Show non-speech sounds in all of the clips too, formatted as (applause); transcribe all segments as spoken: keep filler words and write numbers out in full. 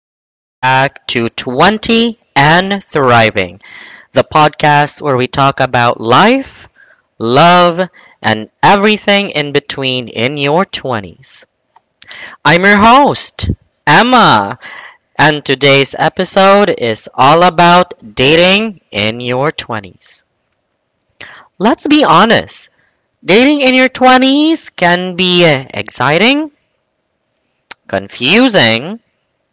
Welcome back to twenty and Thriving, the podcast where we talk about life, love, and everything in between in your twenties. I'm your host, Emma, and today's episode is all about dating in your twenties. Let's be honest, dating in your twenties can be exciting, confusing,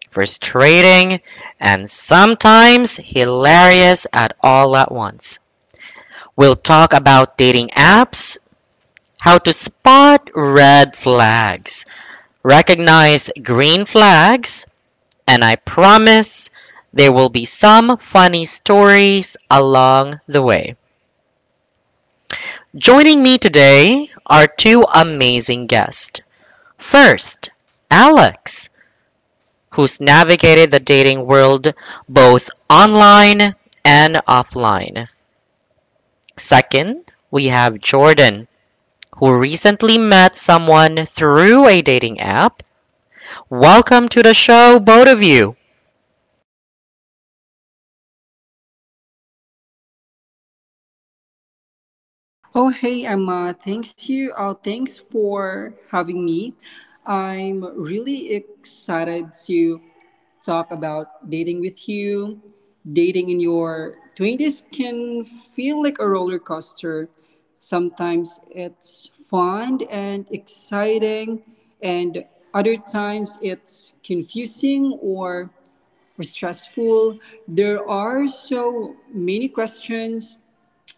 frustrating, and sometimes hilarious at all at once. We'll talk about dating apps, how to spot red flags, recognize green flags, and I promise there will be some funny stories along the way. Joining me today are two amazing guests. First, Alex. Who's navigated the dating world both online and offline. Second, we have Jordan, who recently met someone through a dating app. Welcome to the show, both of you. Oh, hey, Emma. Thanks you. Uh, thanks for having me. I'm really excited to talk about dating with you. Dating in your twenties can feel like a roller coaster. Sometimes it's fun and exciting, and other times it's confusing or stressful. There are so many questions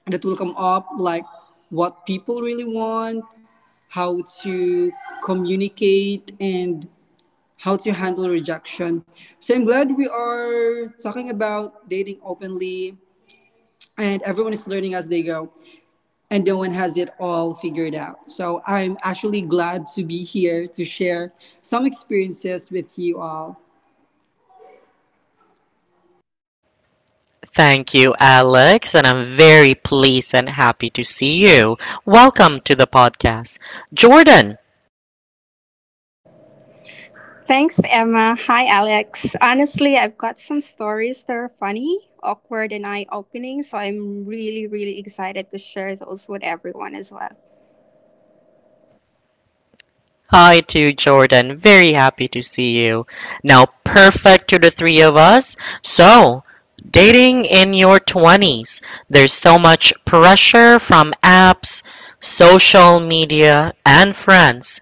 that will come up, like what people really want, how to communicate, and how to handle rejection. So I'm glad we are talking about dating openly, and everyone is learning as they go, and no one has it all figured out. So I'm actually glad to be here to share some experiences with you all. Thank you, Alex, and I'm very pleased and happy to see you. Welcome to the podcast. Jordan, Thanks, Emma. Hi, Alex. Honestly, I've got some stories that are funny, awkward, and eye opening, so I'm really, really excited to share those with everyone as well. hi to Jordan. Very happy to see you. Now, perfect to the three of us. So, dating in your twenties, there's so much pressure from apps, social media, and friends.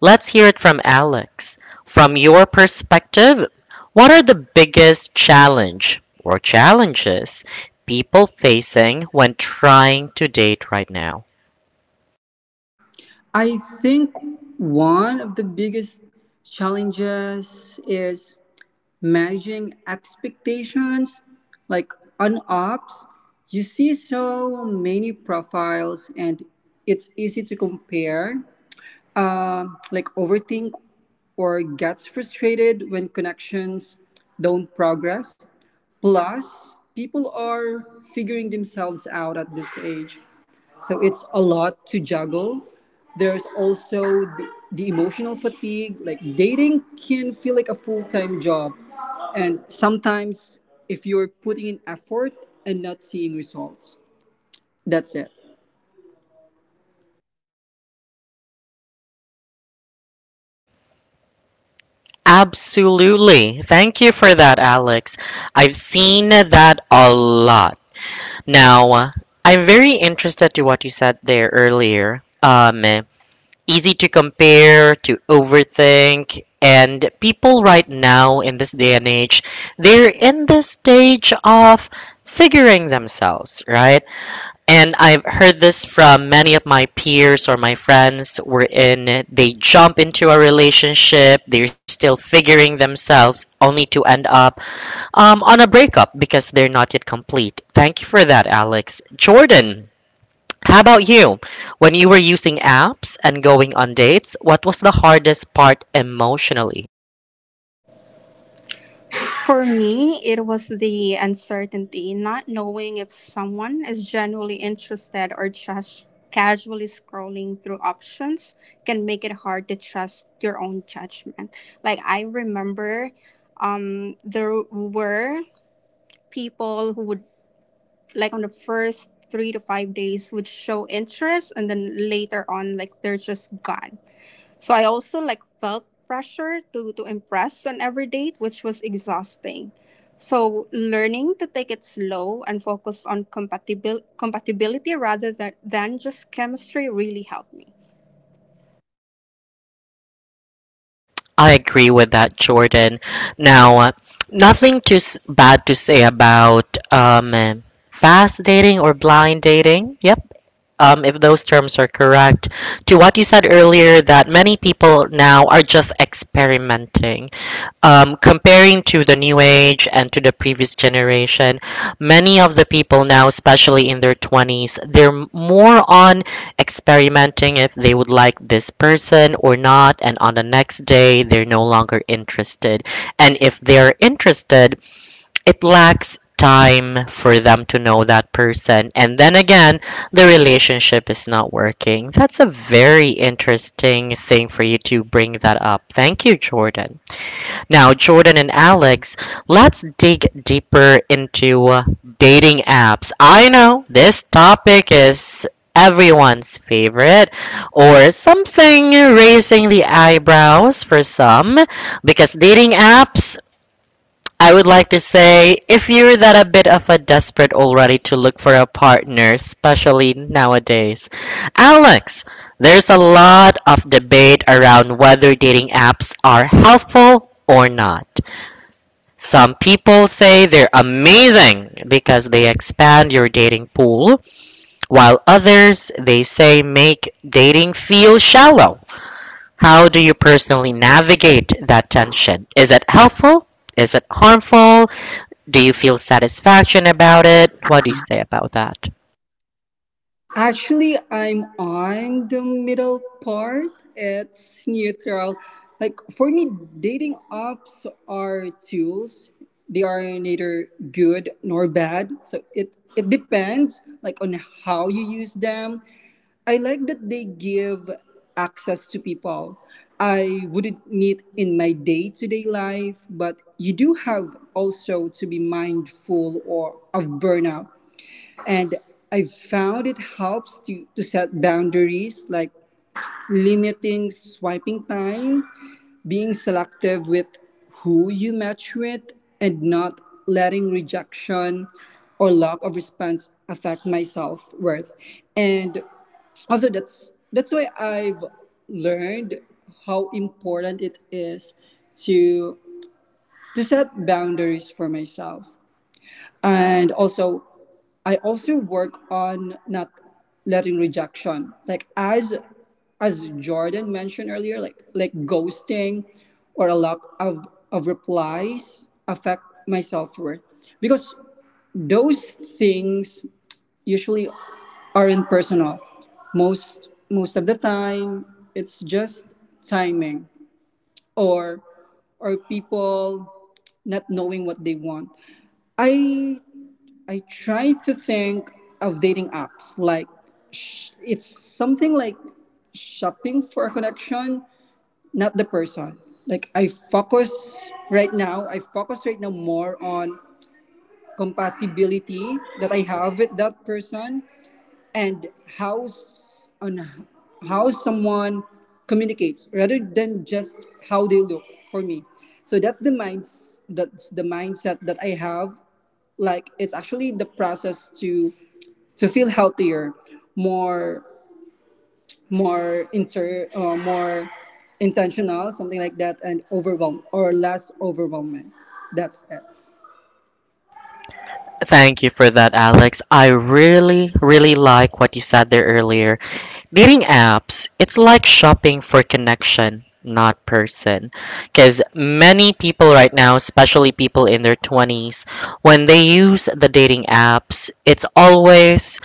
Let's hear it from Alex. From your perspective, what are the biggest challenge or challenges people facing when trying to date right now? I think one of the biggest challenges is managing expectations. Like, on ops, you see so many profiles, and it's easy to compare, uh, like overthink or gets frustrated when connections don't progress. Plus, people are figuring themselves out at this age, so it's a lot to juggle. There's also the, the emotional fatigue. Like, dating can feel like a full time job. And sometimes, if you're putting in effort and not seeing results, that's it. Absolutely. Thank you for that, Alex. I've seen that a lot. Now, I'm very interested to what you said there earlier. Um, easy to compare, to overthink, and people right now in this day and age, they're in the stage of figuring themselves, right? And I've heard this from many of my peers or my friends, wherein they jump into a relationship, they're still figuring themselves, only to end up um, on a breakup because they're not yet complete. Thank you for that, Alex. Jordan, how about you? When you were using apps and going on dates, what was the hardest part emotionally? For me, it was the uncertainty, not knowing if someone is genuinely interested or just casually scrolling through options can make it hard to trust your own judgment. Like, I remember um, there were people who would like on the first three to five days would show interest and then later on like they're just gone. So I also like felt pressure to to impress on every date which was exhausting. So learning to take it slow and focus on compatibil- compatibility rather than, than just chemistry really helped me. I agree with that, Jordan. Now, uh, nothing too s- bad to say about um, fast dating or blind dating. Yep, um, if those terms are correct, to what you said earlier that many people now are just experimenting. Um, comparing to the new age and to the previous generation, many of the people now, especially in their twenties, they're more on experimenting if they would like this person or not, and on the next day they're no longer interested, and if they're interested, it lacks time for them to know that person, and then again the relationship is not working. That's a very interesting thing for you to bring that up. Thank you, Jordan. Now, Jordan and Alex, let's dig deeper into uh, dating apps. I know this topic is everyone's favorite or something raising the eyebrows for some, because dating apps, I would like to say, if you're that a bit of a desperate already to look for a partner, especially nowadays. Alex, there's a lot of debate around whether dating apps are helpful or not. Some people say they're amazing because they expand your dating pool, while others they say make dating feel shallow. How do you personally navigate that tension? Is it helpful? Is it harmful? Do you feel satisfaction about it? What do you say about that? Actually, I'm on the middle part. It's neutral. Like, for me, dating apps are tools. They are neither good nor bad. So it it depends, like, on how you use them. I like that they give access to people I wouldn't meet in my day-to-day life, but you do have also to be mindful or of burnout, and I've found it helps to, to set boundaries like limiting swiping time, being selective with who you match with, and not letting rejection or lack of response affect my self worth. And also that's that's why I've learned how important it is to to set boundaries for myself, and also I also work on not letting rejection. Like, as as Jordan mentioned earlier, like like ghosting or a lack of, of replies affect my self worth. Because those things usually aren't personal. Most most of the time it's just timing or or people not knowing what they want. I I try to think of dating apps like sh- it's something like shopping for a connection, not the person. Like, I focus right now, I focus right now more on compatibility that I have with that person, and how s- on h- how someone communicates rather than just how they look for me. So that's the minds that's the mindset that I have. Like, it's actually the process to to feel healthier, more more inter uh, more intentional, something like that, and overwhelmed or less overwhelming. That's it. Thank you for that, Alex. I really, really like what you said there earlier. Dating apps, it's like shopping for connection, not person. Because many people right now, especially people in their twenties, when they use the dating apps, it's always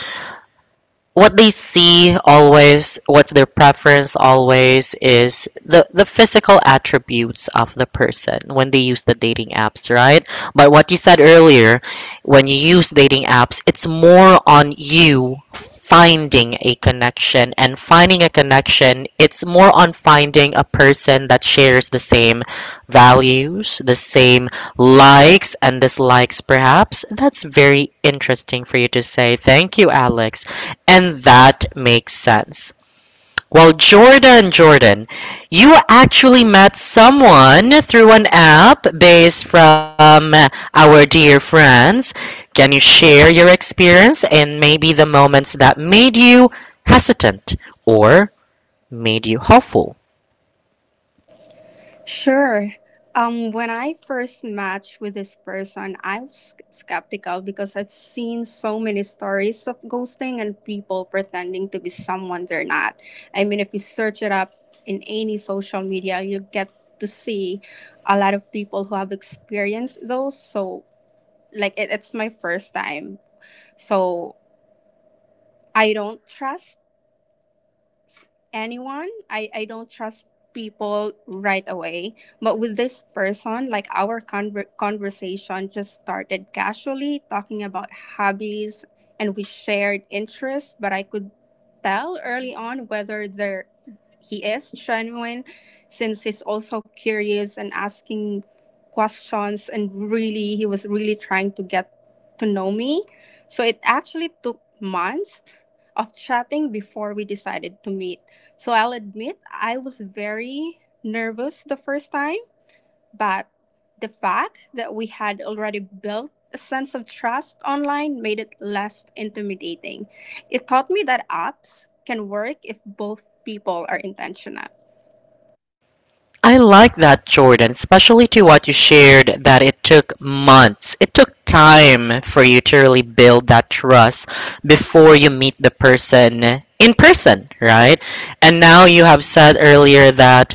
what they see always, what's their preference always is the the physical attributes of the person when they use the dating apps, right? But what you said earlier, when you use dating apps, it's more on you finding a connection, and finding a connection, it's more on finding a person that shares the same values, the same likes and dislikes perhaps. That's very interesting for you to say. Thank you, Alex. And that makes sense. Well, Jordan, Jordan, you actually met someone through an app based from uh, our dear friends. Can you share your experience and maybe the moments that made you hesitant or made you hopeful? Sure. Um, when I first matched with this person, I was skeptical because I've seen so many stories of ghosting and people pretending to be someone they're not. I mean, if you search it up in any social media, you get to see a lot of people who have experienced those. So, like, it, it's my first time. So, I don't trust anyone. I, I don't trust people right away. But with this person, like our conver- conversation just started casually talking about hobbies and we shared interests, but I could tell early on whether there he is genuine since he's also curious and asking questions and really he was really trying to get to know me. So it actually took months of chatting before we decided to meet. So I'll admit I was very nervous the first time, but the fact that we had already built a sense of trust online made it less intimidating. It taught me that apps can work if both people are intentional. I like that, Jordan, especially to what you shared that it took months. It took time for you to really build that trust before you meet the person in person, right? And now you have said earlier that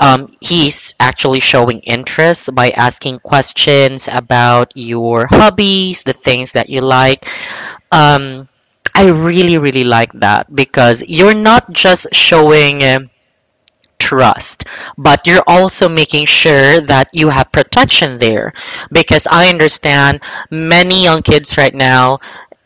um, he's actually showing interest by asking questions about your hobbies, the things that you like. Um, I really, really like that because you're not just showing. Um, trust, but you're also making sure that you have protection there, because I understand many young kids right now,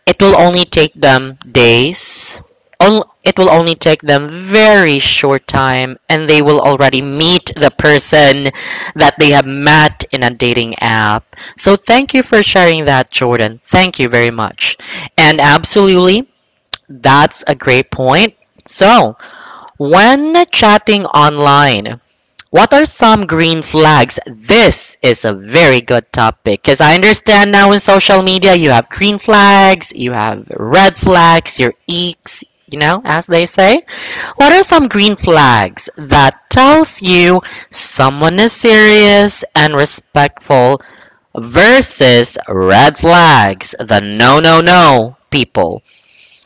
it will only take them days on- it will only take them very short time and they will already meet the person that they have met in a dating app. So thank you for sharing that, Jordan. Thank you very much. And absolutely, that's a great point. So when chatting online, what are some green flags? This is a very good topic because I understand now in social media you have green flags, you have red flags, your eeks, you know, as they say. What are some green flags that tells you someone is serious and respectful versus red flags, the no no no people?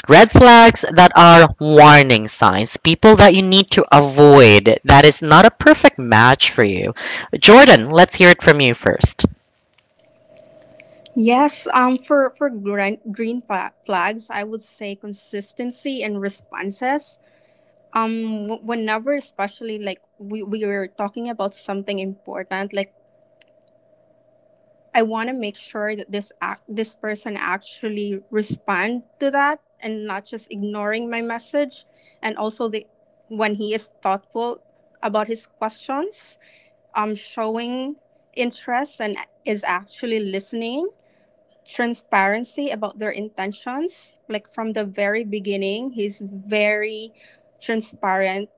Red flags that are warning signs, people that you need to avoid, that is not a perfect match for you. Jordan, let's hear it from you first. Yes, um, for for green, green fa- flags, I would say consistency and responses. Um, w- whenever, especially like we we were talking about something important, like I want to make sure that this act, this person actually respond to that and not just ignoring my message. And also the when he is thoughtful about his questions, um, showing interest and is actually listening. Transparency about their intentions, like from the very beginning, he's very transparent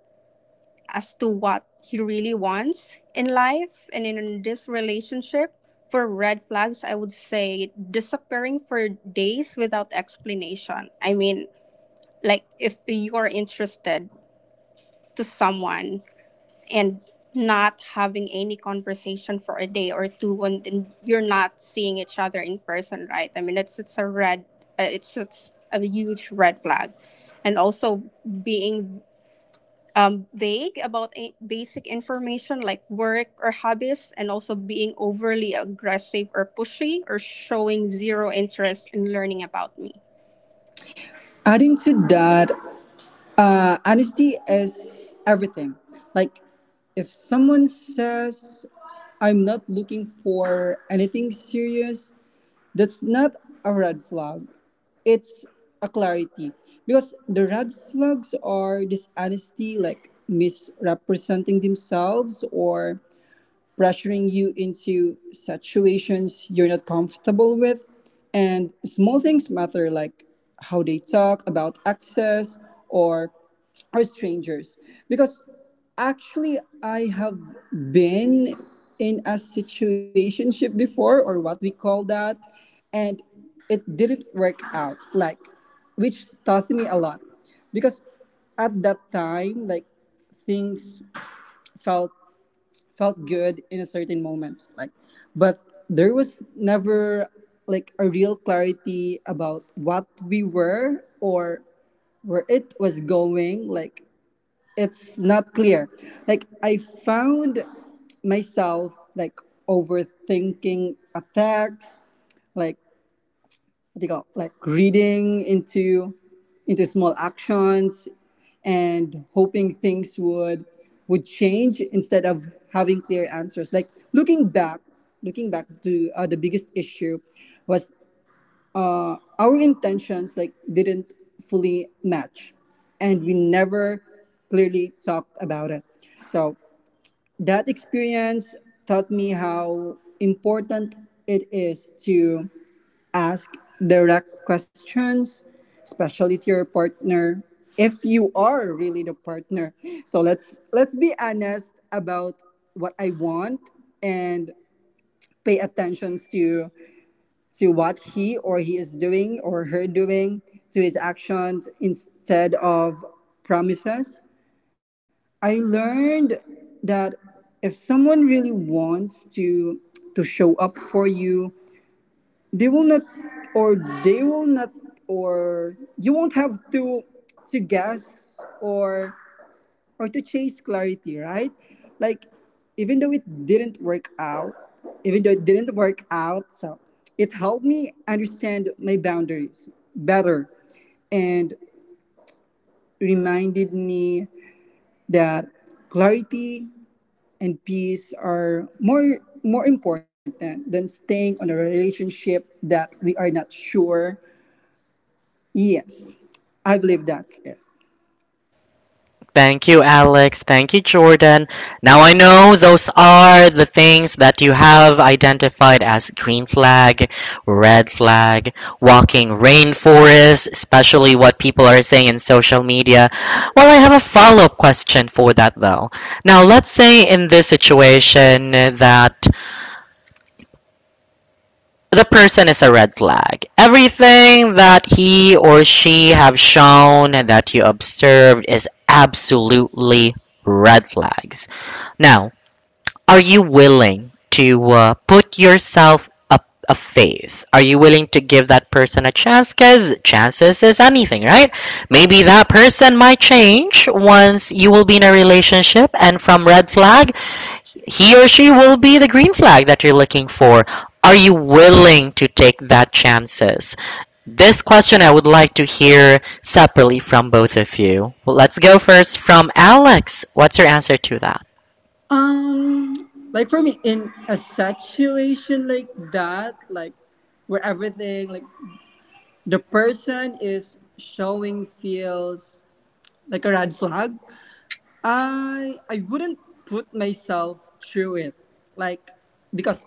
as to what he really wants in life and in this relationship. For red flags, I would say disappearing for days without explanation. I mean, like if you are interested to someone and not having any conversation for a day or two and then you're not seeing each other in person, right? I mean, it's it's a red uh, it's it's a huge red flag. And also being um, vague about a- basic information like work or hobbies, and also being overly aggressive or pushy or showing zero interest in learning about me. Adding to that, uh, honesty is everything. Like, if someone says I'm not looking for anything serious, that's not a red flag. It's a clarity. Because the red flags are dishonesty, like misrepresenting themselves or pressuring you into situations you're not comfortable with. And small things matter, like how they talk about access or or strangers. Because actually I have been in a situationship before, or what we call that, and it didn't work out, like, which taught me a lot. Because at that time, like, things felt felt good in a certain moments, like, but there was never like a real clarity about what we were or where it was going. Like, it's not clear. Like, I found myself, like, overthinking a text, like, what do you call, like, reading into into small actions and hoping things would would change instead of having clear answers. Like, looking back, looking back to uh, the biggest issue was our intentions, like, didn't fully match, and we never clearly talked about it. So that experience taught me how important it is to ask direct questions, especially to your partner, if you are really the partner. So let's let's be honest about what I want and pay attention to to what he or he is doing or her doing, to his actions instead of promises. I learned that if someone really wants to to show up for you, they will not or they will not or you won't have to to guess or or to chase clarity, right? Like, even though it didn't work out, even though it didn't work out, so it helped me understand my boundaries better and reminded me that clarity and peace are more more important than staying on a relationship that we are not sure. Yes, I believe that's it. Thank you, Alex. Thank you, Jordan. Now I know those are the things that you have identified as green flag, red flag, walking rainforest, especially what people are saying in social media. Well, I have a follow up question for that though. Now, let's say in this situation that the person is a red flag. Everything that he or she have shown and that you observed is absolutely red flags. Now, are you willing to uh, put yourself up a faith? Are you willing to give that person a chance? Because chances is anything, right? Maybe that person might change once you will be in a relationship, and from red flag, he or she will be the green flag that you're looking for. Are you willing to take that chances? This question I would like to hear separately from both of you. Well, let's go first from Alex. What's your answer to that? Um, like, for me, in a situation like that, like, where everything, like, the person is showing feels like a red flag, I I wouldn't put myself through it. Like, because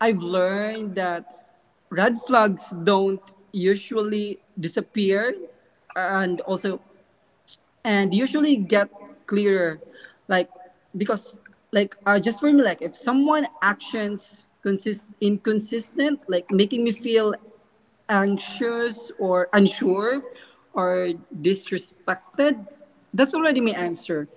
I've learned that red flags don't usually disappear, and also and usually get clearer. Like, because like, uh, just for me, like, if someone actions consist inconsistent, like making me feel anxious or unsure or disrespected, that's already my answer.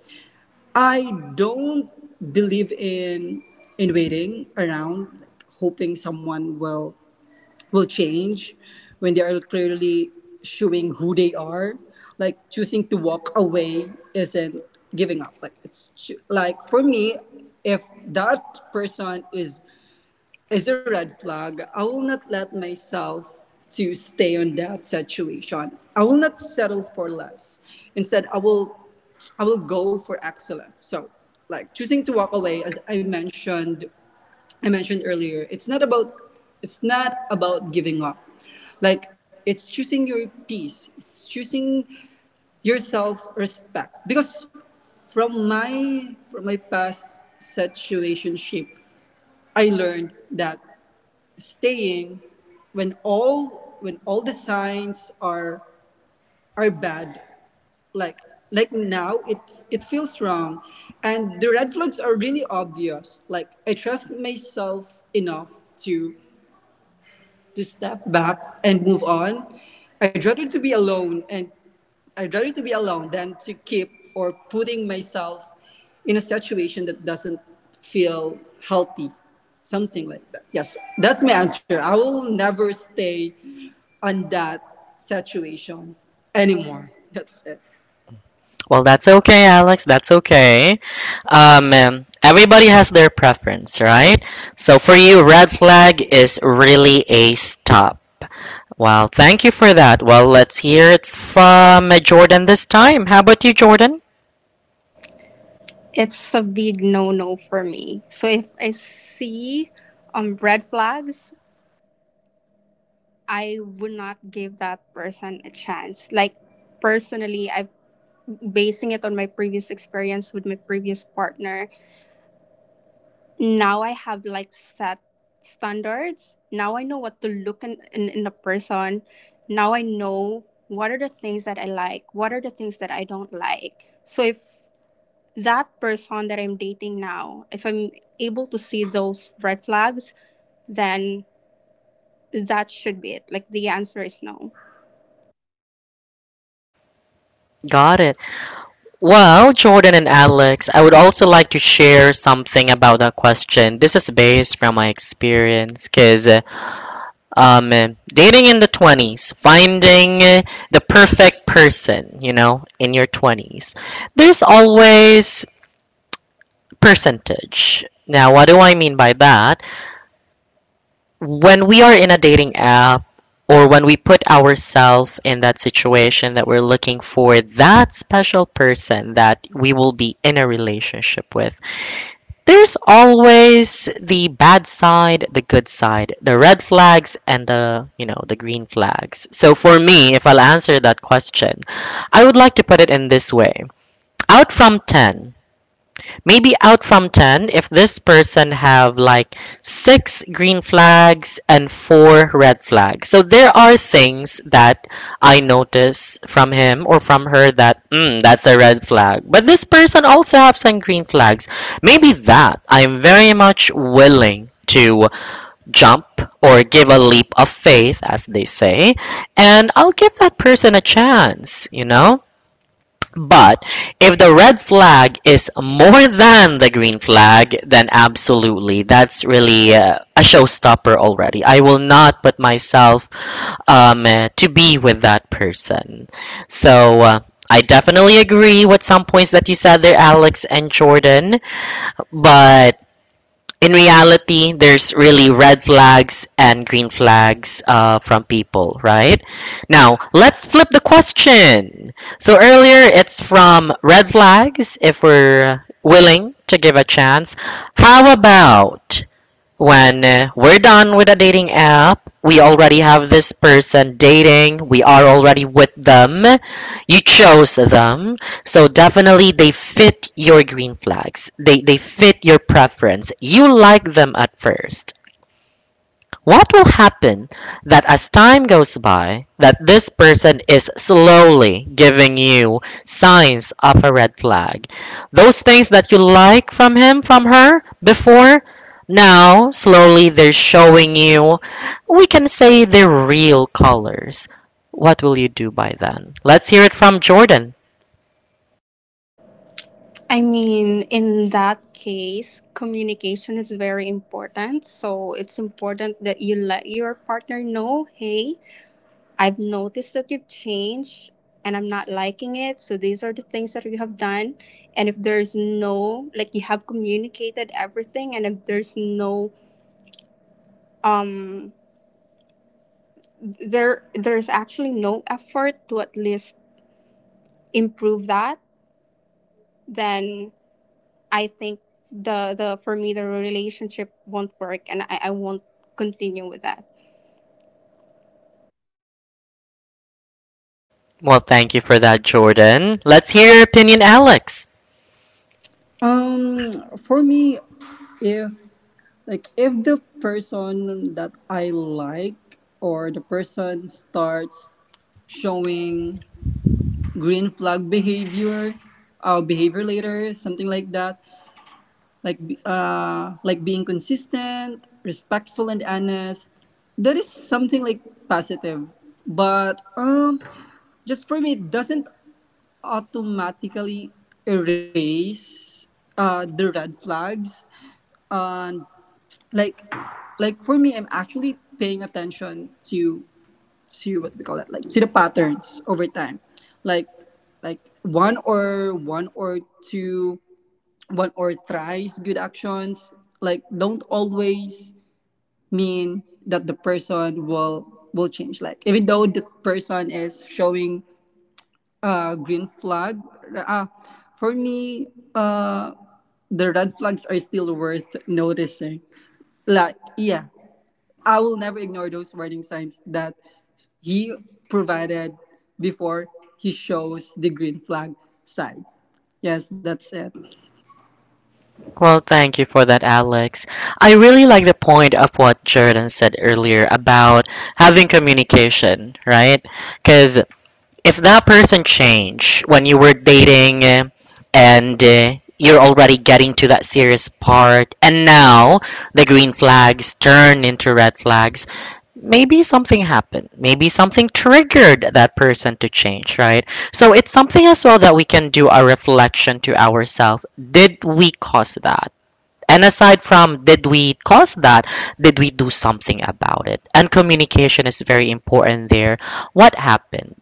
I don't believe in in waiting around, like, hoping someone will will change when they are clearly showing who they are. Like, choosing to walk away isn't giving up. Like, it's ju- like for me, if that person is is a red flag, I will not let myself to stay on that situation. I will not settle for less. Instead, I will I will go for excellence. So, like, choosing to walk away, as I mentioned I mentioned earlier, it's not about it's not about giving up. Like, it's choosing your peace. It's choosing your self-respect. Because from my from my past situationship, I learned that staying when all when all the signs are are bad, like, like now it it feels wrong and the red flags are really obvious, like, I trust myself enough to to step back and move on. I'd rather to be alone and I'd rather to be alone than to keep or putting myself in a situation that doesn't feel healthy. Something like that. Yes, that's my answer. I will never stay on that situation anymore. That's it. Well, that's okay, Alex. That's okay. Um, um, everybody has their preference, right? So for you, red flag is really a stop. Well, thank you for that. Well, let's hear it from uh, Jordan this time. How about you, Jordan? It's a big no no for me. So if I see um, red flags, I would not give that person a chance. Like personally, I'm basing it on my previous experience with my previous partner. Now I have like set standards. Now I know what to look in, in, in a person. Now I know what are the things that I like, what are the things that I don't like. So if that person that I'm dating now, if I'm able to see those red flags, then that should be it. Like the answer is no. Got it. Well, Jordan and Alex, I would also like to share something about that question. This is based from my experience because um, dating in the twenties, finding the perfect person, you know, in your twenties, there's always percentage. Now, what do I mean by that? When we are in a dating app, or when we put ourselves in that situation that we're looking for that special person that we will be in a relationship with, there's always the bad side, the good side, the red flags, and the, you know, the green flags. So for me, if I'll answer that question, I would like to put it in this way. Out from ten, maybe out from ten if this person have like six green flags and four red flags, so there are things that I notice from him or from her that mm, that's a red flag, but this person also have some green flags, maybe, that I'm very much willing to jump or give a leap of faith, as they say, and I'll give that person a chance, you know. But if the red flag is more than the green flag, then absolutely, that's really uh, a showstopper already. I will not put myself um, uh, to be with that person. So uh, I definitely agree with some points that you said there, Alex and Jordan. But in reality, there's really red flags and green flags uh, from people, right? Now, let's flip the question. So earlier, it's from red flags if we're willing to give a chance. How about when uh, we're done with a dating app, we already have this person dating, we are already with them, you chose them. So definitely they fit your green flags. They they fit your preference. You like them at first. What will happen that as time goes by, that this person is slowly giving you signs of a red flag? Those things that you like from him, from her before, now slowly they're showing you, we can say they're real colors. What will you do by then? Let's hear it from Jordan. I mean, in that case, communication is very important. So it's important that you let your partner know, hey, I've noticed that you've changed and I'm not liking it. So these are the things that you have done. And if there's no like you have communicated everything and if there's no um there there's actually no effort to at least improve that, then I think the the for me the relationship won't work and I, I won't continue with that. Well, thank you for that, Jordan. Let's hear your opinion, Alex. Um, for me, if like if the person that I like or the person starts showing green flag behavior uh, behavior later, something like that, like be- uh, like being consistent, respectful, and honest, that is something like positive. But um just for me, it doesn't automatically erase uh, the red flags. And like like for me, I'm actually paying attention to to what we call it, like, to the patterns over time. like like one or one or two one or thrice good actions, like, don't always mean that the person will will change. Like, even though the person is showing a green flag, uh, for me, uh the red flags are still worth noticing. Like, yeah, I will never ignore those warning signs that he provided before he shows the green flag sign. Yes, that's it. Well, thank you for that, Alex. I really like the point of what Jordan said earlier about having communication, right? Because if that person changed when you were dating uh, and uh, you're already getting to that serious part, and now the green flags turn into red flags, maybe something happened. Maybe something triggered that person to change, right? So it's something as well that we can do a reflection to ourselves. Did we cause that? And aside from did we cause that, did we do something about it? And communication is very important there. What happened?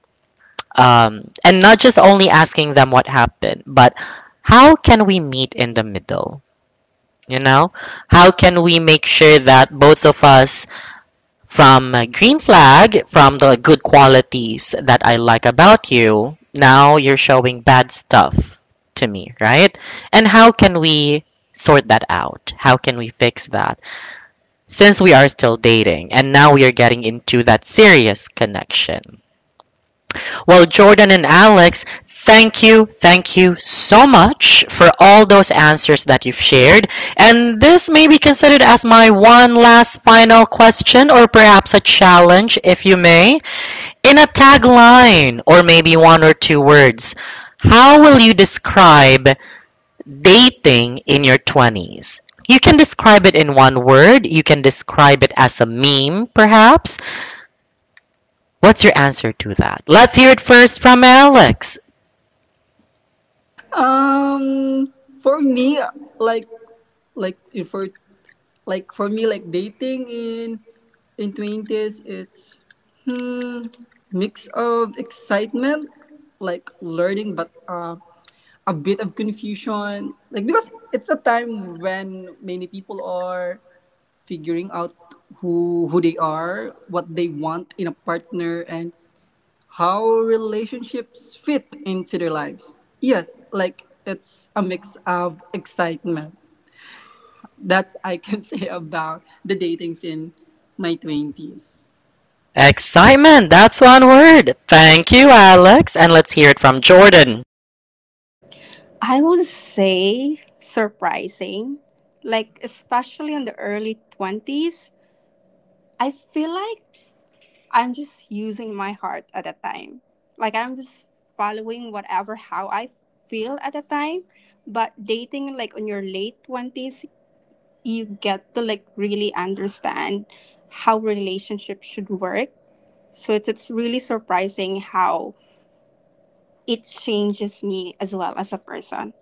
Um, and not just only asking them what happened, but how can we meet in the middle? You know, how can we make sure that both of us from green flag, from the good qualities that I like about you, now you're showing bad stuff to me, right? And how can we sort that out? How can we fix that? Since we are still dating and now we are getting into that serious connection. Well, Jordan and Alex, thank you, thank you so much for all those answers that you've shared. And this may be considered as my one last final question or perhaps a challenge, if you may. In a tagline or maybe one or two words, how will you describe dating in your twenties. You can describe it in one word. You can describe it as a meme, perhaps. What's your answer to that? Let's hear it first from Alex. Um, for me, like like if for like for me, like, dating in in twenties, it's, hmm, mix of excitement, like, learning, but uh, a bit of confusion. Like, because it's a time when many people are figuring out who who they are, what they want in a partner, and how relationships fit into their lives. Yes, like, it's a mix of excitement. That's I can (laughs) say about the dating scene in my twenties. Excitement, that's one word. Thank you, Alex. And let's hear it from Jordan. I would say surprising. Like especially in the early twenties, I feel like I'm just using my heart at that time. Like I'm just following whatever how I feel at that time. But dating like on your late twenties, you get to like really understand how relationships should work. So it's it's really surprising how it changes me as well as a person.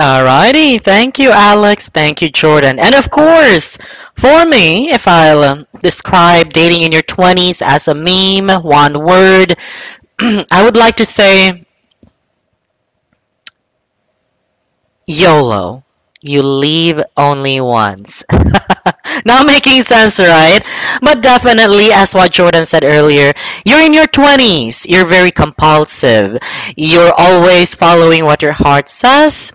Alrighty, thank you, Alex. Thank you, Jordan. And of course, for me, if I'll um, describe dating in your twenties as a meme, one word, (clears throat) I would like to say YOLO. You live only once. (laughs) Not making sense, right? But definitely, as what Jordan said earlier, you're in your twenties. You're very compulsive. You're always following what your heart says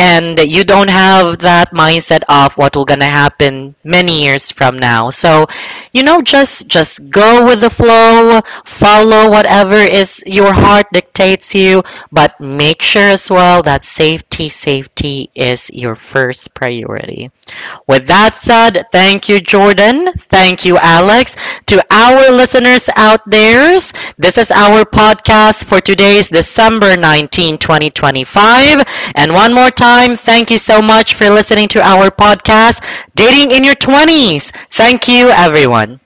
and you don't have that mindset of what will gonna happen many years from now. So, you know, just just go with the flow, follow whatever is your heart dictates you, but make sure as well that safety safety is your first priority. With that said, thank you, Jordan. Thank you, Alex. To our listeners out there, this is our podcast for today's December nineteenth, twenty twenty-five. And one more time, thank you so much for listening to our podcast, Dating in Your twenties. Thank you, everyone.